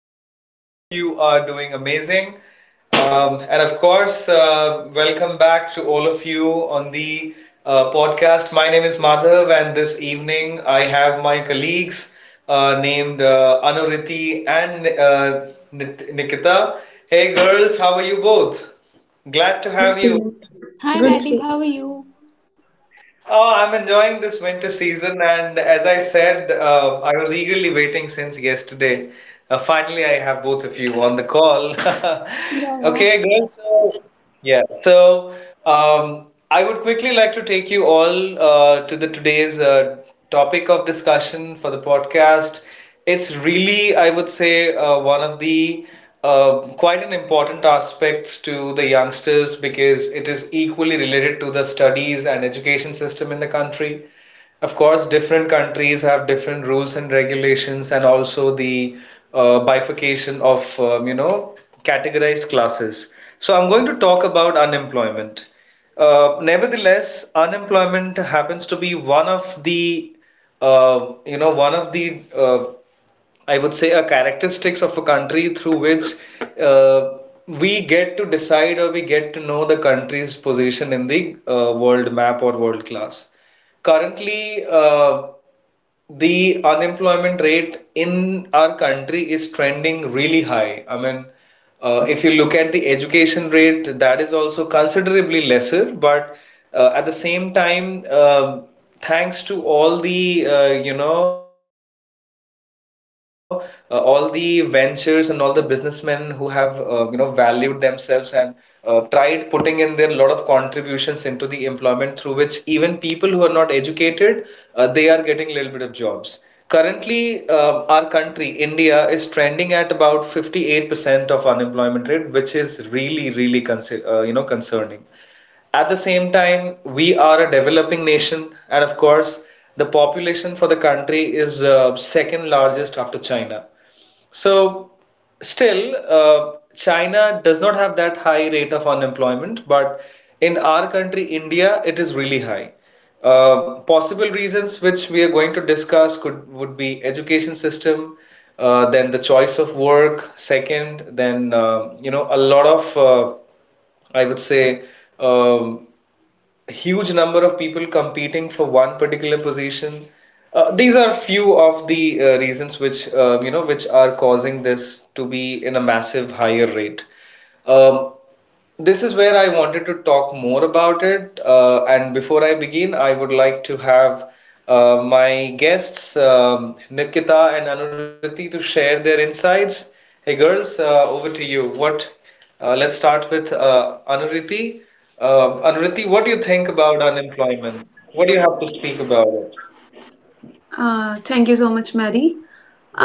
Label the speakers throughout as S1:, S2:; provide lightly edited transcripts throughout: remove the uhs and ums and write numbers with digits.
S1: I hope all of you are doing amazing. And of course, welcome back to all of you on the podcast. My name is Madhav, and this evening I have my colleagues named Anuriti and Nikita. Hey, girls, how are you both? Glad to have you on
S2: Good,
S1: the show.
S2: sir.
S3: Hi Maddie, how are
S2: Good, sir.
S3: you?
S1: Oh, I'm enjoying this winter season, and as I said, I was eagerly waiting since yesterday. Finally, I have both of you on the call.
S3: Yeah, yeah.
S1: Okay, guys. So, yeah, I would quickly like to take you all to the today's topic of discussion for the podcast. It's really, I would say, one of the quite an important aspects to the youngsters because it is equally related to the studies and education system in the country. Of course, different countries have different rules and regulations, and also the bifurcation of categorized classes. So I'm going to talk about unemployment. Nevertheless, unemployment happens to be one of the I would say, a characteristics of a country through which uh, we get to decide or we get to know the country's position in the world map or world class. Currently, the unemployment rate in our country is trending really high. I mean, if you look at the education rate, that is also considerably lesser, but at the same time, thanks to all the uh, you know all the ventures and all the businessmen who have valued themselves and tried putting in their lot of contributions into the employment, through which even people who are not educated, they are getting a little bit of jobs currently. Our country India is trending at about 58% of unemployment rate, which is really, really concerning. At the same time, we are a developing nation, and of course, the population for the country is second largest after China. So, still, China does not have that high rate of unemployment, but in our country, India, it is really high. Possible reasons which we are going to discuss could would be education system, then the choice of work, second, then a lot of I would say, um, huge number of people competing for one particular position. These are few of the reasons which you know which are causing this to be in a massive higher rate. Um, this is where I wanted to talk more about it. And before I begin, I would like to have my guests, Nikita and Anuriti, to share their insights. Hey, girls, over to you. What? Let's start with Anuriti. Anuriti, what do you think about unemployment? What do you have to speak about it?
S2: Thank you so much, Mary.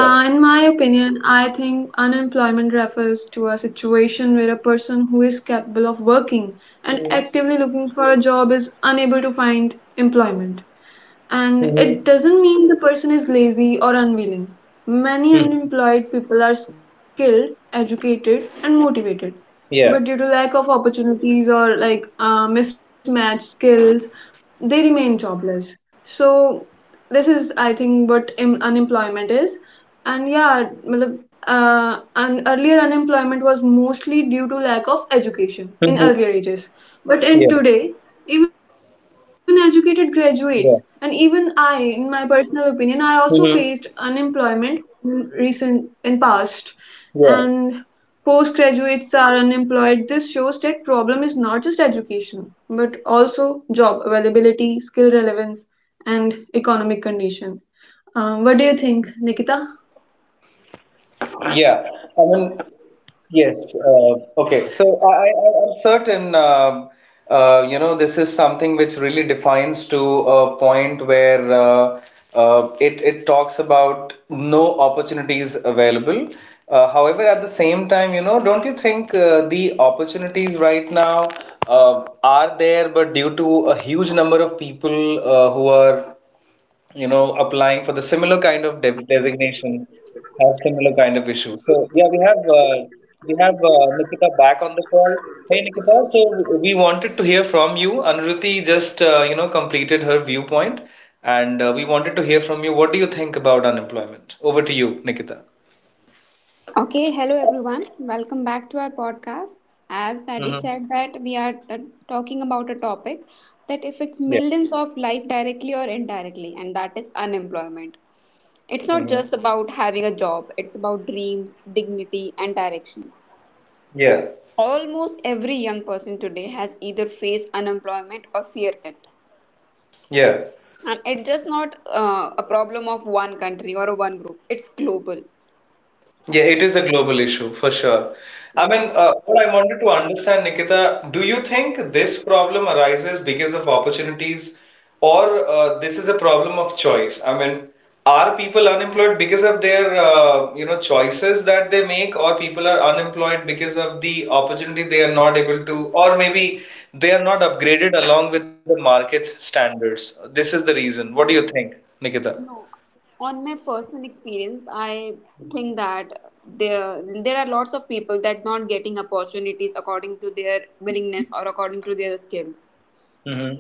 S1: Yeah.
S2: In my opinion, I think unemployment refers to a situation where a person who is capable of working and
S1: Mm-hmm.
S2: actively looking for a job is unable to find employment. And
S1: Mm-hmm.
S2: it doesn't mean the person is lazy or unwilling. Many unemployed people are skilled, educated, and motivated. But
S1: Yeah.
S2: due to lack of opportunities or like mismatched skills, they remain jobless. So this is, I think, what unemployment is. And yeah, matlab, and earlier unemployment was mostly due to lack of
S1: Mm-hmm.
S2: education in earlier
S1: Yeah.
S2: ages. But in today, even educated
S1: Yeah.
S2: graduates, and even I, in my personal
S1: Mm-hmm.
S2: opinion, I also faced unemployment in recent in past,
S1: Yeah.
S2: and postgraduates are unemployed. This shows that problem is not just education, but also job availability, skill relevance, and economic condition. What do you think, Nikita?
S1: Yeah, I mean, yes. Okay, so I'm certain. This is something which really defines to a point where it talks about no opportunities available. However, at the same time, you know, don't you think the opportunities right now are there, but due to a huge number of people who are, you know, applying for the similar kind of dev designation have similar kind of issues. So yeah, we have Nikita back on the call. Hey Nikita, so we wanted to hear from you. Anuruti just completed her viewpoint, and we wanted to hear from you. What do you think about unemployment? Over to you, Nikita.
S3: Okay, hello everyone. Welcome back to our podcast. As Maddie
S1: Mm-hmm.
S3: said that we are talking about a topic that affects
S1: Yeah.
S3: millions of life directly or indirectly, and that is unemployment. It's not
S1: Mm-hmm.
S3: just about having a job, it's about dreams, dignity and directions.
S1: Yeah.
S3: Almost every young person today has either faced unemployment or fear it.
S1: Yeah.
S3: And it's just not a problem of one country or one group. It's global.
S1: Yeah, it is a global issue for sure. I
S3: Yeah.
S1: mean, what I wanted to understand, Nikita, do you think this problem arises because of opportunities or this is a problem of choice? I mean, are people unemployed because of their choices that they make, or people are unemployed because of the opportunity they are not able to, or maybe they are not upgraded along with the market's standards? This is the reason. What do you think, Nikita?
S3: No, on my personal experience, I think that there are lots of people that not getting opportunities according to their willingness or according to their skills.
S1: Mm-hmm.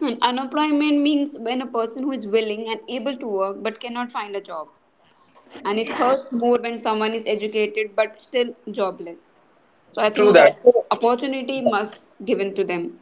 S3: Hmm, unemployment means when a person who is willing and able to work but cannot find a job, and it hurts more when someone is educated but still jobless. So I
S1: True
S3: think
S1: that.
S3: that
S1: So,
S3: opportunity must given to them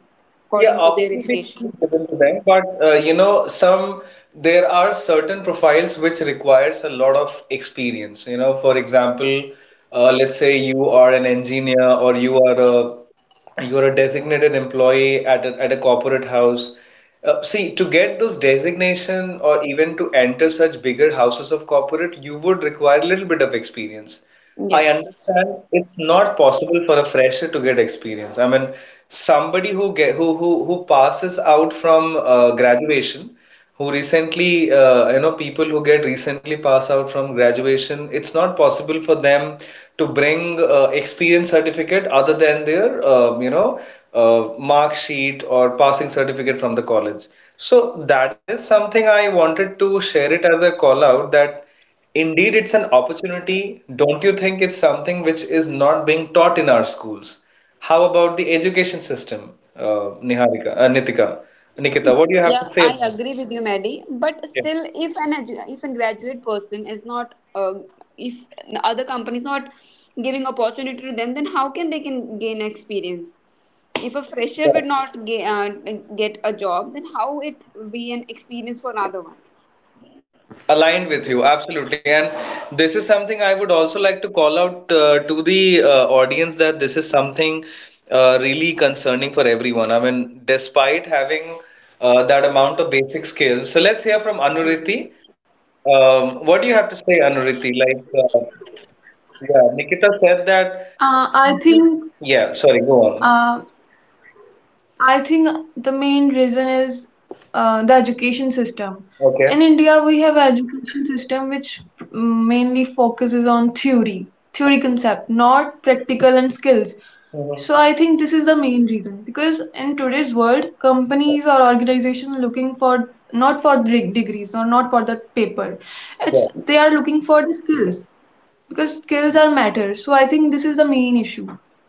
S1: yeah,
S3: according to their
S1: opportunity
S3: education.
S1: is given to them, but some there are certain profiles which requires a lot of experience. You know, for example, let's say you are an engineer or you are a designated employee at a corporate house. See, to get those designation or even to enter such bigger houses of corporate, you would require a little bit of experience.
S3: Yeah.
S1: I understand it's not possible for a fresher to get experience. I mean, somebody who passes out from graduation, who recently people who get recently pass out from graduation, it's not possible for them to bring experience certificate other than their um, you know mark sheet or passing certificate from the college. So that is something I wanted to share it as a call out that. Indeed, it's an opportunity. Don't you think it's something which is not being taught in our schools? How about the education system, Nikita? What do
S3: Yeah,
S1: you have to
S3: I
S1: say
S3: agree
S1: about it?
S3: with you, Maddie. But still,
S1: Yeah.
S3: if an edu- if a graduate person is not, if other companies not giving opportunity to them, then how can they can gain experience? If a fresher would not ga- get a job, then how it be an experience for other ones?
S1: Aligned with you, absolutely. And this is something I would also like to call out to the audience that this is something really concerning for everyone. I mean, despite having that amount of basic skills. So let's hear from
S3: Yeah.
S1: Anuriti. What do you have to say, Anuriti? Like, Yeah, Nikita said that.
S2: Uh, I think
S1: Yeah, sorry, go on.
S2: uh, I think the main reason is the education system.
S1: Okay.
S2: In India, we have education system which mainly focuses on theory, theory concept, not practical and skills.
S1: Mhm.
S2: So I think this is the main reason because in today's world,
S1: Yeah.
S2: companies or organizations looking for not for the degrees or not for the paper,
S1: Yeah.
S2: it's they are looking for the skills because skills are matter. So I think this is the main issue.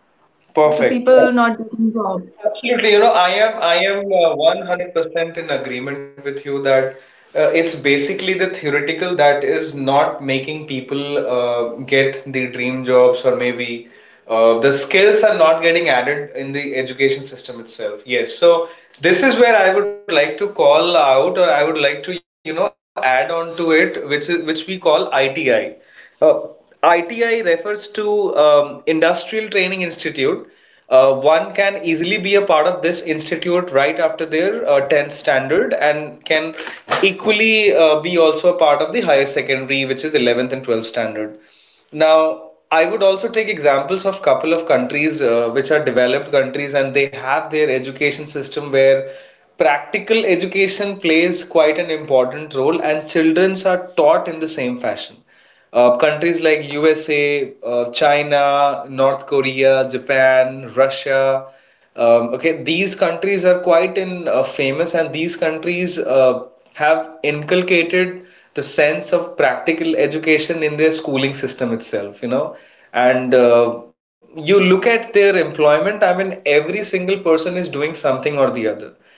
S1: Perfect.
S2: The
S1: Yeah.
S2: people not getting job.
S1: Absolutely, you know, I am 100% in agreement with you that it's basically the theoretical that is not making people get the dream jobs or maybe the skills are not getting added in the education system itself. Yes, so this is where I would like to call out or I would like to, you know, add on to it, which we call ITI. Uh, ITI refers to Industrial Training Institute. One can easily be a part of this institute right after their 10th standard, and can equally be also a part of the higher secondary, which is 11th and 12th standard. Now, I would also take examples of couple of countries which are developed countries, and they have their education system where practical education plays quite an important role, and childrens are taught in the same fashion. Countries like USA, China, North Korea, Japan, Russia. Okay, these countries are quite in famous, and these countries have inculcated the sense of practical education in their schooling system itself. You know, and you look at their employment. I mean, every single person is doing something or the other.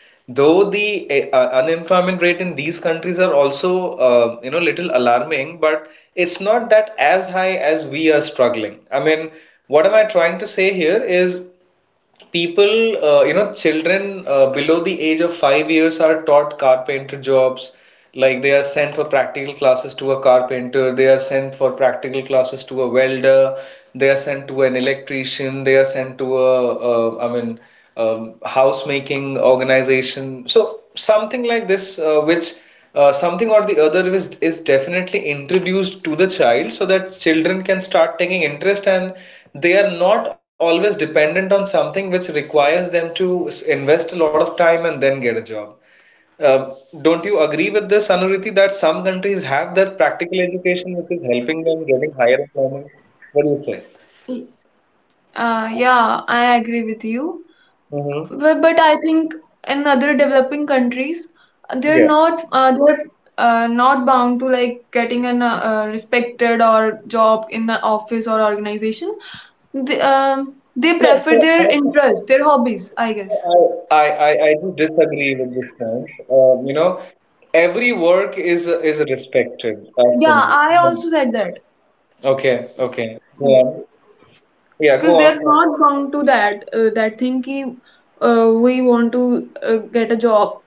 S1: Though the unemployment rate in these countries are also, little alarming, but it's not that as high as we are struggling. I mean, what am I trying to say here is people you know children below the age of 5 years are taught carpenter jobs, like they are sent for practical classes to a carpenter, they are sent for practical classes to a welder, they are sent to an electrician, they are sent to a house making organization, so something like this, which something or the other is definitely introduced to the child, so that children can start taking interest and they are not always dependent on something which requires them to invest a lot of time and then get a job. Uh, don't you agree with this, Anuriti, that some countries have that practical education which is helping them getting higher employment? What do you say?
S2: Yeah, I agree with you.
S1: Mm-hmm.
S2: But I think in other developing countries,
S1: Yeah.
S2: they're not bound to like getting an respected or job in an office or organization. They
S1: No,
S2: prefer
S1: so
S2: their interests, their hobbies, I guess.
S1: So, I, I, I do disagree with this point. Every work is respected as
S2: Yeah,
S1: from you. I
S2: I also
S1: mean,
S2: said that
S1: okay, okay. Go on. Yeah, go
S2: because they
S1: on.
S2: are
S1: Sam.
S2: not bound to that that thing ki, we want to get a job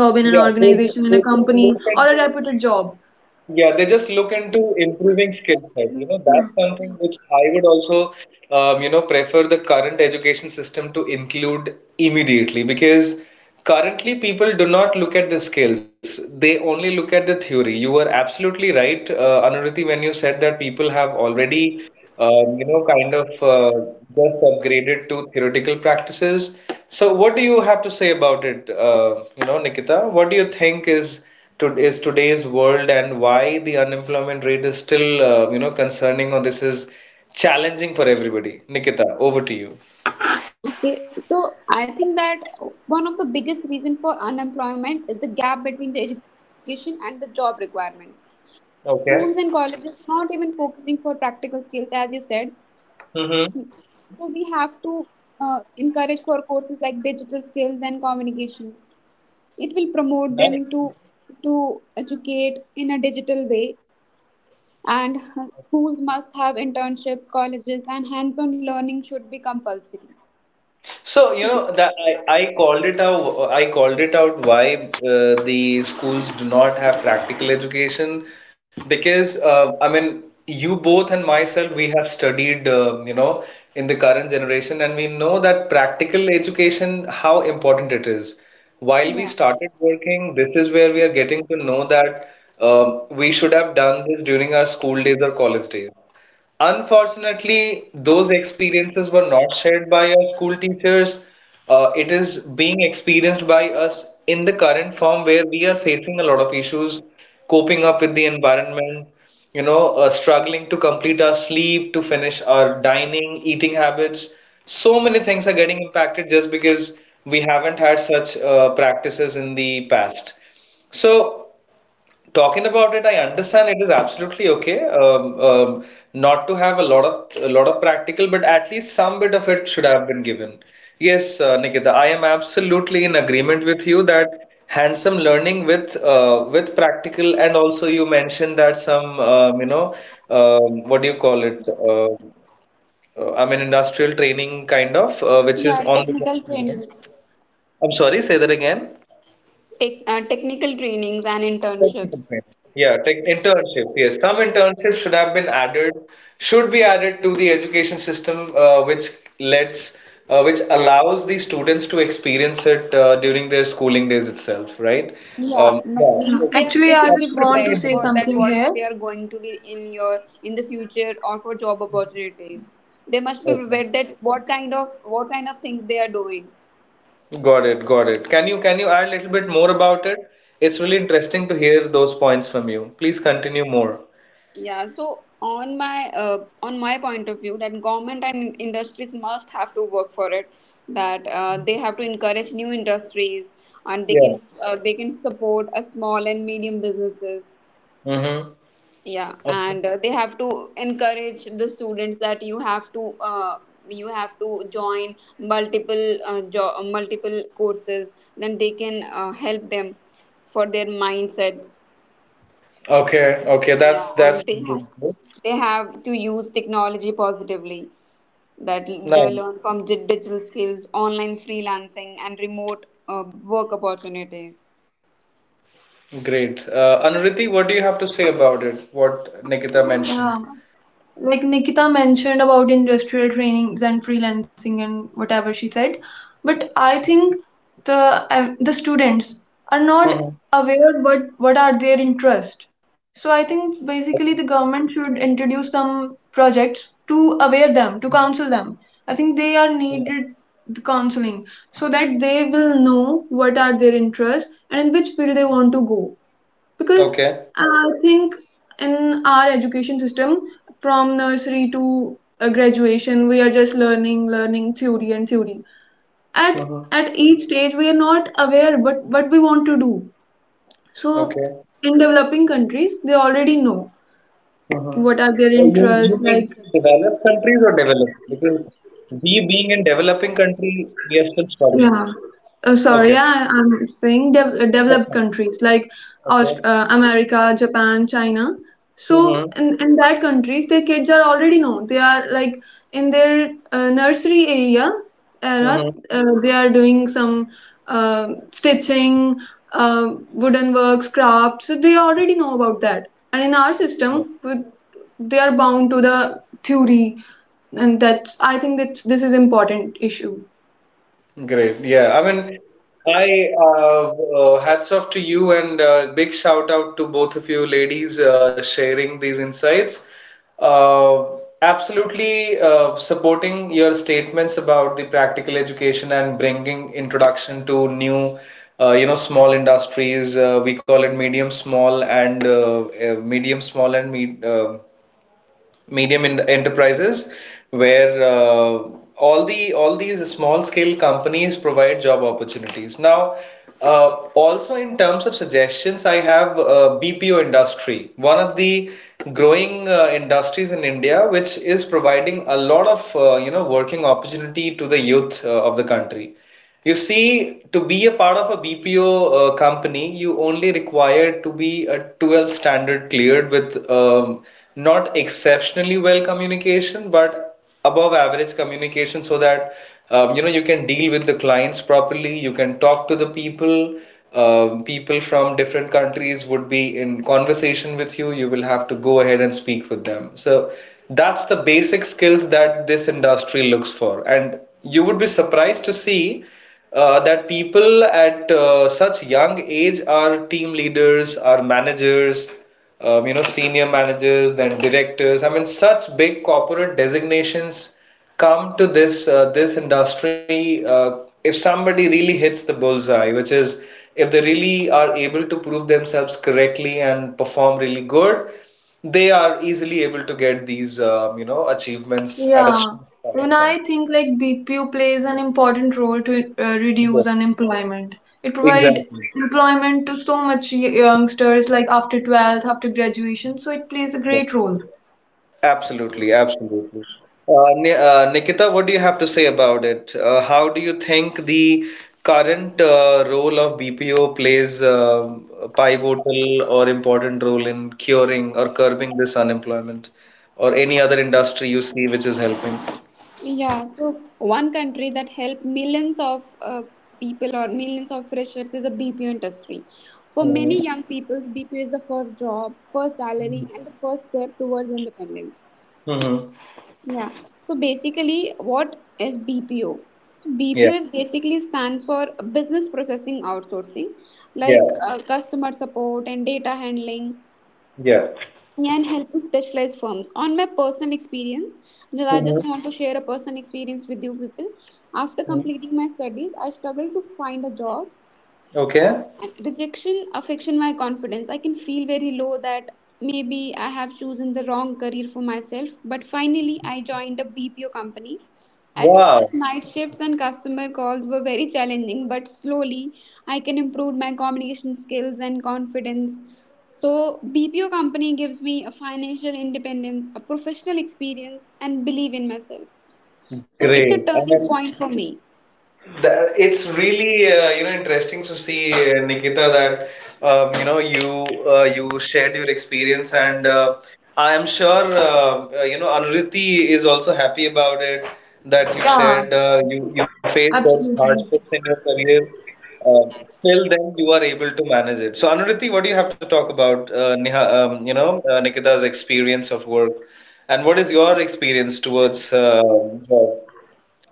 S2: job in an
S1: Yeah, they, they
S2: organization in a
S1: they just
S2: company
S1: look
S2: or
S1: into
S2: a reputed job.
S1: Yeah, they just look into improving skill set. You know, that's something which I would also, prefer the current education system to include immediately, because currently people do not look at the skills. They only look at the theory. You were absolutely right, Anuruti, when you said that people have already, kind of just upgraded to theoretical practices. So, what do you have to say about it, Nikita? What do you think is today's world and why the unemployment rate is still concerning, or this is challenging for everybody. Nikita, over to you.
S3: Okay, so I think that one of the biggest reason for unemployment is the gap between the education and the job requirements. Schools and
S1: Okay.
S3: colleges not even focusing for practical skills, as you said,
S1: Mm-hmm.
S3: so we have to encourage for courses like digital skills and communications. It will promote them to educate in a digital way, and schools must have internships, colleges and hands on learning should be compulsory.
S1: So, you know that I called it out. I called it out why the schools do not have practical education because you both and myself we have studied in the current generation, and we know that practical education how important it is. While we
S3: Yeah,
S1: started working, this is where we are getting to know that we should have done this during our school days or college days. Unfortunately, those experiences were not shared by our school teachers. It is being experienced by us in the current form where we are facing a lot of issues, coping up with the environment, struggling to complete our sleep, to finish our dining, eating habits. So many things are getting impacted just because we haven't had such practices in the past. So, talking about it, I understand it is absolutely okay, not to have a lot of practical, but at least some bit of it should have been given. Yes, Nikita, I am absolutely in agreement with you that hands-on learning with practical, and also you mentioned that some what do you call it? Industrial training kind of, which
S3: yeah,
S1: is on the
S3: technical
S1: job training.
S3: trainings.
S1: I'm sorry, say that again.
S3: Technical trainings and
S1: Technical
S3: internships.
S1: training. Yeah, tech internships. Yes, some internships should have been added, should be added to the education system, lets, which allows the students to experience it during their schooling days itself, right?
S3: Yeah,
S1: Yeah,
S2: Yeah.
S3: means
S1: so
S3: they are,
S2: Actually,
S3: they
S2: I
S3: should
S2: just
S3: be
S2: want to
S1: absolutely, an
S3: prepared
S2: say
S3: for
S1: improvement.
S3: that
S2: something
S3: what
S2: here.
S3: they are going to be in your in the future or for job opportunities. They must be
S1: Okay,
S3: prepared that what kind of things they are doing.
S1: got it, got it. Can you add a little bit more about it? It's really interesting to hear those points from you. Please continue more.
S3: Yeah, so on my on my point of view, that government and industries must have to work for it. That they have to encourage new industries, and
S1: Yeah.
S3: they can support a small and medium businesses.
S1: Mm-hmm.
S3: Yeah,
S1: Okay.
S3: and they have to encourage the students that you have to join multiple multiple courses, then they can help them for their mindsets.
S1: Okay, okay,
S3: Yeah,
S1: that's
S3: and they have to use technology positively, that they
S1: nice.
S3: learn from digital skills, online freelancing and remote work opportunities.
S1: Great. Anuriti, what do you have to say about it? What Nikita
S2: Yeah,
S1: mentioned?
S2: like Nikita mentioned about industrial trainings and freelancing and whatever she said, but I think the the students are not
S1: Mm-hmm.
S2: aware what are their interest. So I think basically the government should introduce some projects to aware them, to counsel them. I think they are
S1: Yeah.
S2: needed the counseling so that they will know what are their interests and in which field they want to go. Because
S1: Okay.
S2: I think in our education system from nursery to graduation we are just learning learning theory and theory at
S1: Mm-hmm.
S2: at each stage we are not aware what we want to do so
S1: Okay.
S2: in developing countries they already know
S1: Mm-hmm.
S2: what are their
S1: You
S2: interests
S1: mean to
S2: like.
S1: say developed countries or developed? Because we being in developing country, we are still struggling.
S2: Yeah. Uh, sorry,
S1: Okay.
S2: I, I'm saying dev- uh, developed
S1: That's fine.
S2: countries like
S1: Okay.
S2: America, Japan, China. So
S1: Mm-hmm.
S2: in that countries, their kids are already know. They are like in their nursery area era.
S1: Mm-hmm.
S2: They are doing some uh, stitching, wooden works, crafts. So they already know about that. And in our system, they are bound to the theory, and that's I think that this is important issue.
S1: Great. Yeah. I mean, I uh, hats off to you, and big shout out to both of you ladies sharing these insights. Uh, absolutely supporting your statements about the practical education and bringing introduction to new, you know, small industries. We call it medium small and me medium in enterprises where all these small scale companies provide job opportunities now. uh, Also, in terms of suggestions, I have BPO industry, one of the growing industries in India, which is providing a lot of, you know, working opportunity to the youth of the country. You see, to be a part of a BPO company, you only require to be a 12th standard cleared with not exceptionally well communication, but above average communication, so that you can deal with the clients properly, you can talk to the people. People from different countries would be in conversation with you. You will have to go ahead and speak with them. So that's the basic skills that this industry looks for, and you would be surprised to see that people at such young age are team leaders, are managers, senior managers, then directors. I mean, such big corporate designations come to this this industry. If somebody really hits the bullseye, which is, if they really are able to prove themselves correctly and perform really good, they are easily able to get these, you know, achievements at a
S2: Yeah,
S1: short span of
S2: even
S1: time.
S2: I think like BPO plays an important role to reduce
S1: Yes,
S2: unemployment. It provides
S1: exactly.
S2: employment to so much youngsters like after 12th, after graduation, so it plays a
S1: Yes,
S2: great role.
S1: absolutely, absolutely. Nikita, what do you have to say about it? How do you think the current role of BPO plays, a pivotal or important role in curing or curbing this unemployment, or any other industry you see which is helping?
S3: Yeah, so one country that helped millions of people or millions of freshers is the BPO industry. For many
S1: Mm-hmm.
S3: young people, BPO is the first job, first salary, and the first step towards independence.
S1: Mm-hmm.
S3: Yeah. So basically, what is BPO? So
S1: Yeah,
S3: BPO is basically stands for business processing outsourcing, like
S1: yeah,
S3: customer support and data handling.
S1: yeah.
S3: Yeah, and helping specialized firms. On my personal experience, that I
S1: Mhm.
S3: just want to share a personal experience with you people. After completing my studies, I struggled to find a job,
S1: Okay.
S3: and rejection affection my confidence. I can feel very low that maybe I have chosen the wrong career for myself, but finally I joined a BPO company. At first,
S1: Wow.
S3: night shifts and customer calls were very challenging, but slowly I can improve my communication skills and confidence. So BPO company gives me a financial independence, a professional experience and believe in myself. So it's a
S1: Great.
S3: turning
S1: I
S3: point for me.
S1: That, it's really, you know, interesting to see, Nikita, that you shared your experience, and I am sure you know Anuriti is also happy about it, that you
S2: Yeah,
S1: shared, you faced such
S2: absolutely.
S1: hardships in your career. um, Still then you are able to manage it. So Anuriti, what do you have to talk about, Neha, you know Nikita's experience of work, and what is your experience towards job?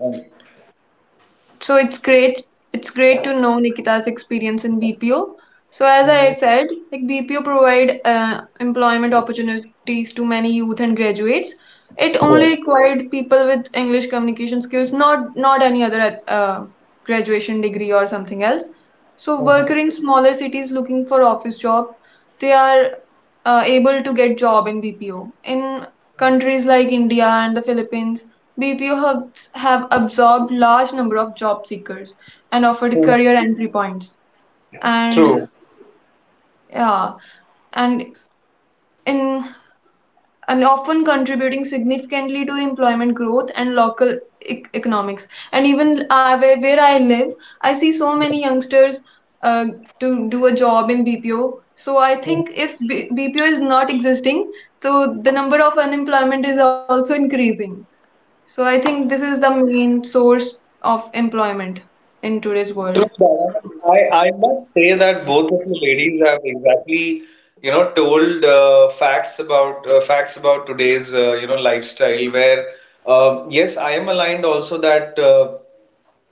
S1: And,
S2: So it's great. It's great to know Nikita's experience in BPO. So as I
S1: Mhm.
S2: said, like BPO provide employment opportunities to many youth and graduates. It only
S1: Yeah.
S2: required people with English communication skills, not any other graduation degree or something else. So worker
S1: Mhm.
S2: in smaller cities looking for office job, they are able to get job in BPO. In countries like India and the Philippines, BPO hubs have absorbed large number of job seekers and offered
S1: Mhm.
S2: career entry points. And
S1: True.
S2: yeah, and in and often contributing significantly to employment growth and local economics. And even where I live, I see so many youngsters uh, to do a job in BPO. So I think
S1: Mhm.
S2: if BPO is not existing, so the number of unemployment is also increasing. So I think this is the main source of employment in today's
S1: True,
S2: world.
S1: Dara. I, I must say that both of you ladies have exactly, you know, told, facts about, facts about today's, you know, lifestyle. Where, yes, I am aligned also that.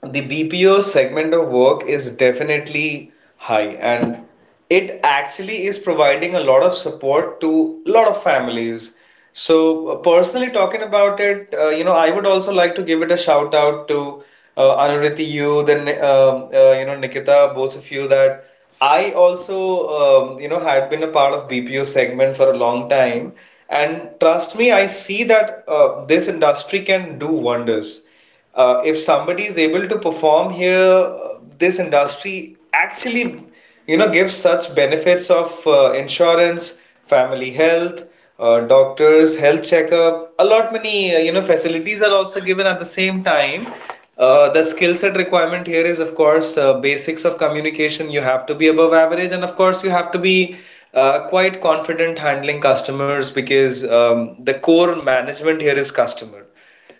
S1: The BPO segment of work is definitely high, and it actually is providing a lot of support to a lot of families. So, personally talking about it, you know, I would also like to give it a shout out to, Anuriti, you, then Nikita, both of you, that I also, you know, had been a part of BPO segment for a long time, and trust me, I see that, this industry can do wonders, if somebody is able to perform here. Uh, this industry actually, you know, gives such benefits of, insurance, family health, doctors, health checkup. A lot many, you know, facilities are also given at the same time. The skill set requirement here is, of course, basics of communication. You have to be above average, and of course, you have to be, quite confident handling customers because, the core management here is customer.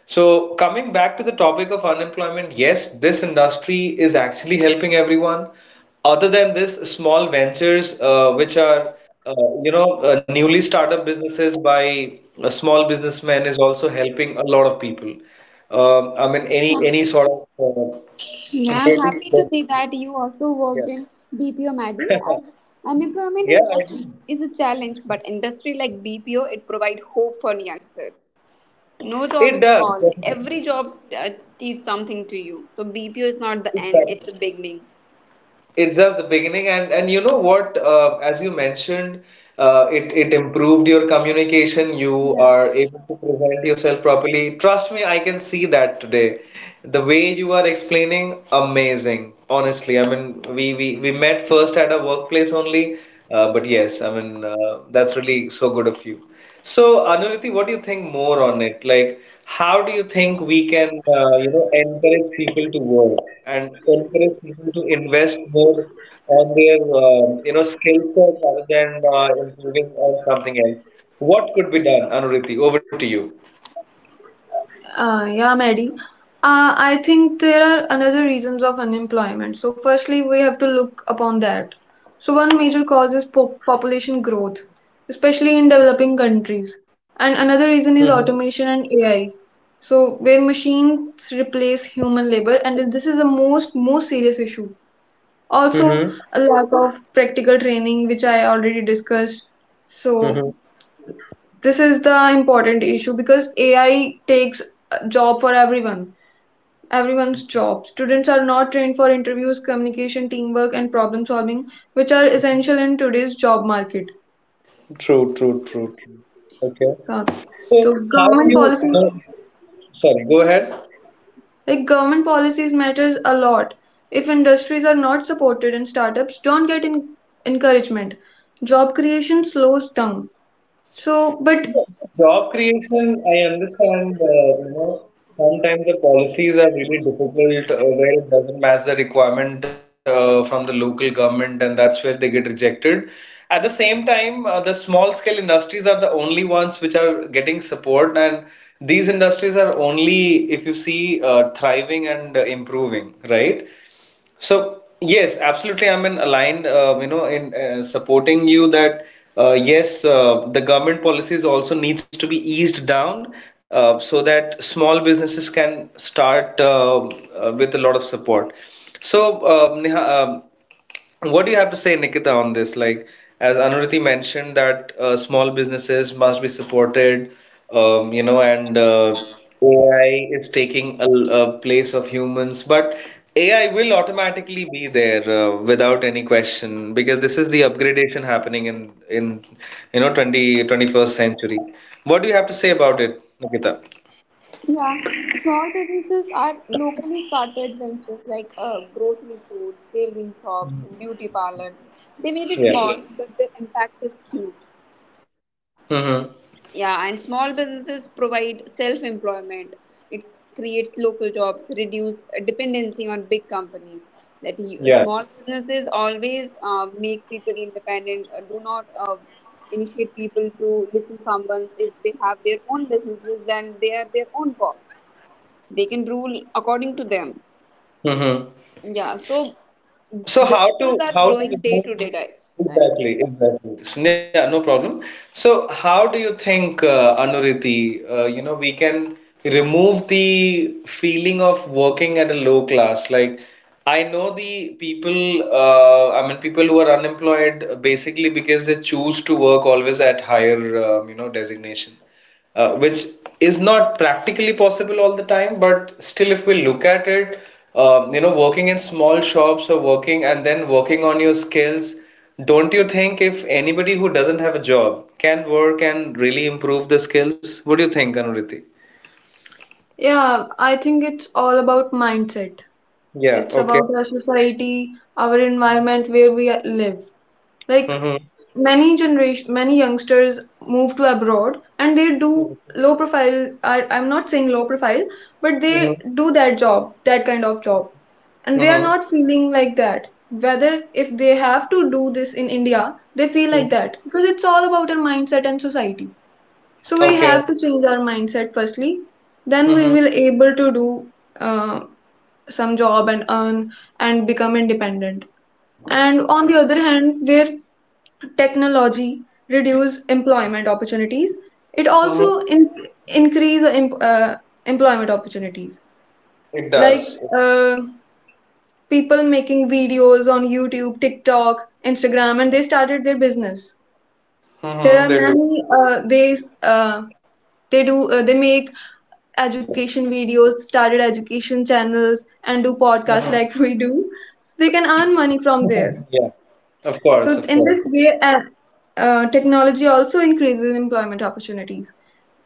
S1: So, coming back to the topic of unemployment, yes, this industry is actually helping everyone. Other than this, small ventures, which are, uh, you know, newly startup businesses by a small businessman, is also helping a lot of people. I mean, any sort of uh,
S3: Yeah, I'm happy
S1: daily-
S3: to see that you also
S1: yeah,
S3: worked in BPO, Maddie. As unemployment
S1: yeah,
S3: is
S1: I do.
S3: is a challenge, but industry like BPO it provide hope for youngsters. No job
S1: It
S3: is
S1: does
S3: small.
S1: definitely,
S3: Every job teach something to you. So BPO is not the end;
S1: exactly.
S3: it's the beginning.
S1: It's just the beginning, and you know what? As you mentioned, it improved your communication. You
S3: Yeah,
S1: are able to present yourself properly. Trust me, I can see that today. The way you are explaining, amazing. Honestly, I mean, we met first at a workplace only, but yes, I mean, that's really so good of you. So, Anuriti, what do you think more on it? Like, how do you think we can, you know, encourage people to work and encourage people to invest more on their, you know, skill set rather than, improving on something else? What could be done, Anuriti? Over to you.
S2: Yeah, Maddie. I think there are another reasons of unemployment. So, firstly, we have to look upon that. So, one major cause is population growth, especially in developing countries. And another
S1: Mm-hmm.
S2: reason is automation and AI. So, where machines replace human labor, and this is the most serious issue.
S1: Mm-hmm.
S2: Also, a lack of practical training, which I already discussed.
S1: Mm-hmm.
S2: So, this is the important issue because AI takes a job for everyone, everyone's job. Students are not trained for interviews, communication, teamwork, and problem solving, which are essential in today's job market.
S1: True, true, true, true. Okay.
S2: So so
S1: So, how do
S2: government
S1: you
S2: policy,
S1: know? Sorry, go ahead.
S2: like government policies, matters a lot. If industries are not supported and startups don't get encouragement, job creation slows down. So, but
S1: Yes, job creation, I understand, you know, sometimes the policies are really difficult, where it doesn't match the requirement, from the local government, and that's where they get rejected. At the same time, the small scale industries are the only ones which are getting support, and these industries are only, if you see, thriving and, improving, right? So yes, absolutely. I'm in aligned, you know, in, supporting you, that, yes, the government policies also needs to be eased down, so that small businesses can start, with a lot of support. So, what do you have to say, Nikita, on this? Like, as Anuruti mentioned, that, small businesses must be supported, you know, and, AI is taking a place of humans, but AI will automatically be there, without any question, because this is the upgradation happening in you know twenty twenty first century. What do you have to say about it, Nikita?
S3: yeah. Small businesses are locally started ventures like grocery stores, tailoring shops, and beauty parlors. They may be
S1: Yeah.
S3: small, but their impact is huge.
S1: Mm-hmm.
S3: Yeah, and small businesses provide self employment. It creates local jobs, reduce dependency on big companies. That you,
S1: Yeah.
S3: small businesses always make people independent. Do not initiate people to listen someone's. If they have their own businesses, then they are their own boss. They can rule according to them.
S1: Mm-hmm.
S3: Yeah, so businesses are
S1: How to
S3: growing day
S1: remove,
S3: to day, right? Sorry.
S1: exactly yeah, no problem. So how do you think, Anuriti, you know, we can remove the feeling of working at a low class? Like, I know the people, people who are unemployed, basically because they choose to work always at higher, you know, designation, which is not practically possible all the time, but still, if we look at it, you know, working in small shops, or working and then working on your skills, don't you think if anybody who doesn't have a job can work and really improve the skills? What do you think, Anuriti?
S2: yeah, I think it's all about mindset.
S1: Yeah,
S2: It's
S1: okay.
S2: about our society, our environment where we live. Like
S1: Mm-hmm.
S2: many generation, many youngsters move to abroad and they do low profile. I'm not saying low profile, but they
S1: Mm-hmm.
S2: do that job, that kind of job, and they are
S1: Mm-hmm.
S2: not feeling like that. Whether if they have to do this in India, they feel like that because it's all about our mindset and society. So we
S1: Okay.
S2: have to change our mindset firstly. Then we
S1: Mm-hmm.
S2: will able to do uh, some job and earn and become independent. And on the other hand, where technology reduce employment opportunities, it
S1: Mm-hmm.
S2: also increase employment opportunities.
S1: It
S2: Like
S1: does.
S2: uh, people making videos on YouTube, TikTok, Instagram, and they started their business. There are
S1: Mm-hmm. They do.
S2: many uh, they make education videos, started education channels, and do podcasts
S1: Mhm.
S2: like we do. So they can earn money from there.
S1: Yeah, of course,
S2: So
S1: of
S2: in
S1: course.
S2: this way, technology also increases employment opportunities.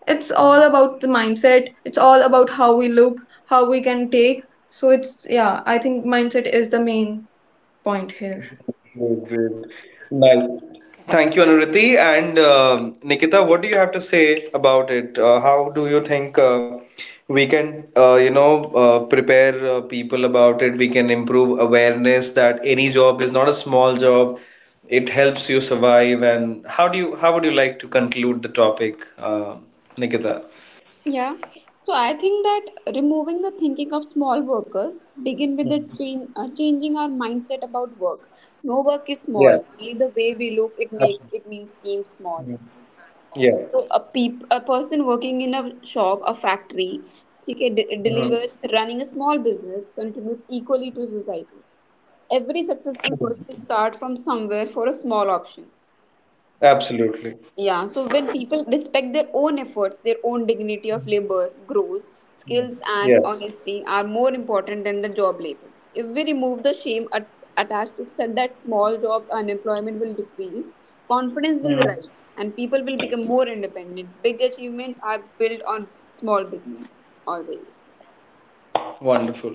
S2: It's all about the mindset. It's all about how we look, how we can take. So it's yeah, I think mindset is the main point here.
S1: Great, great. Nice. Thank you, Anuriti. And um, Nikita, what do you have to say about it? How do you think, we can, you know, prepare, people about it? We can improve awareness that any job is not a small job. It helps you survive. And how do you, how would you like to conclude the topic, Nikita?
S3: Yeah. So I think that removing the thinking of small workers begin with changing our mindset about work. No work is
S1: Yeah,
S3: small. Only the way we look it
S1: absolutely.
S3: makes it means seem small.
S1: Yeah.
S3: Yeah. So a person working in a shop, a factory, okay,
S1: Mhm.
S3: delivers running a small business contributes equally to society. Every successful person start from somewhere for a small option.
S1: Absolutely.
S3: Yeah, so when people respect their own efforts, their own dignity of labor grows. Skills
S1: Yeah.
S3: and honesty are more important than the job labels. If we remove the shame at, attached to such that small jobs, unemployment will decrease, confidence will
S1: Mhm.
S3: rise, and people will become more independent. Big achievements are built on small beginnings, always.
S1: Wonderful.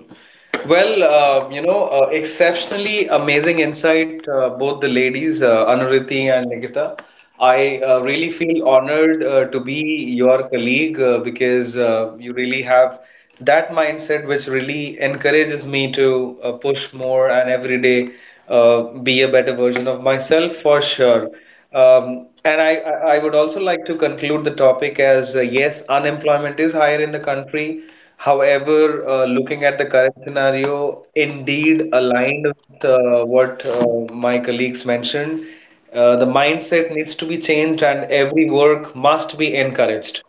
S1: Well, you know, exceptionally amazing insight, both the ladies, Anuriti and Nikita. I really feel honored, to be your colleague, because, you really have that mindset which really encourages me to, push more, and every day, be a better version of myself for sure. And I would also like to conclude the topic as, yes, unemployment is higher in the country. However, looking at the current scenario, indeed aligned with, what, my colleagues mentioned, the mindset needs to be changed and every work must be encouraged.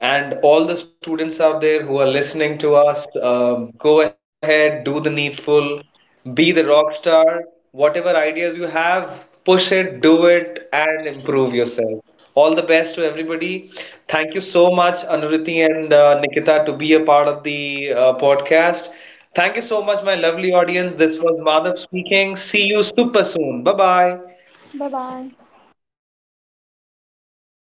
S1: And all the students out there who are listening to us, go ahead, do the needful, be the rock star. Whatever ideas you have, push it, do it, and improve yourself. All the best to everybody. Thank you so much, Anuriti and, Nikita, to be a part of the, podcast. Thank you so much, my lovely audience. This was Madhav speaking. See you super soon. Bye bye.
S3: Bye bye.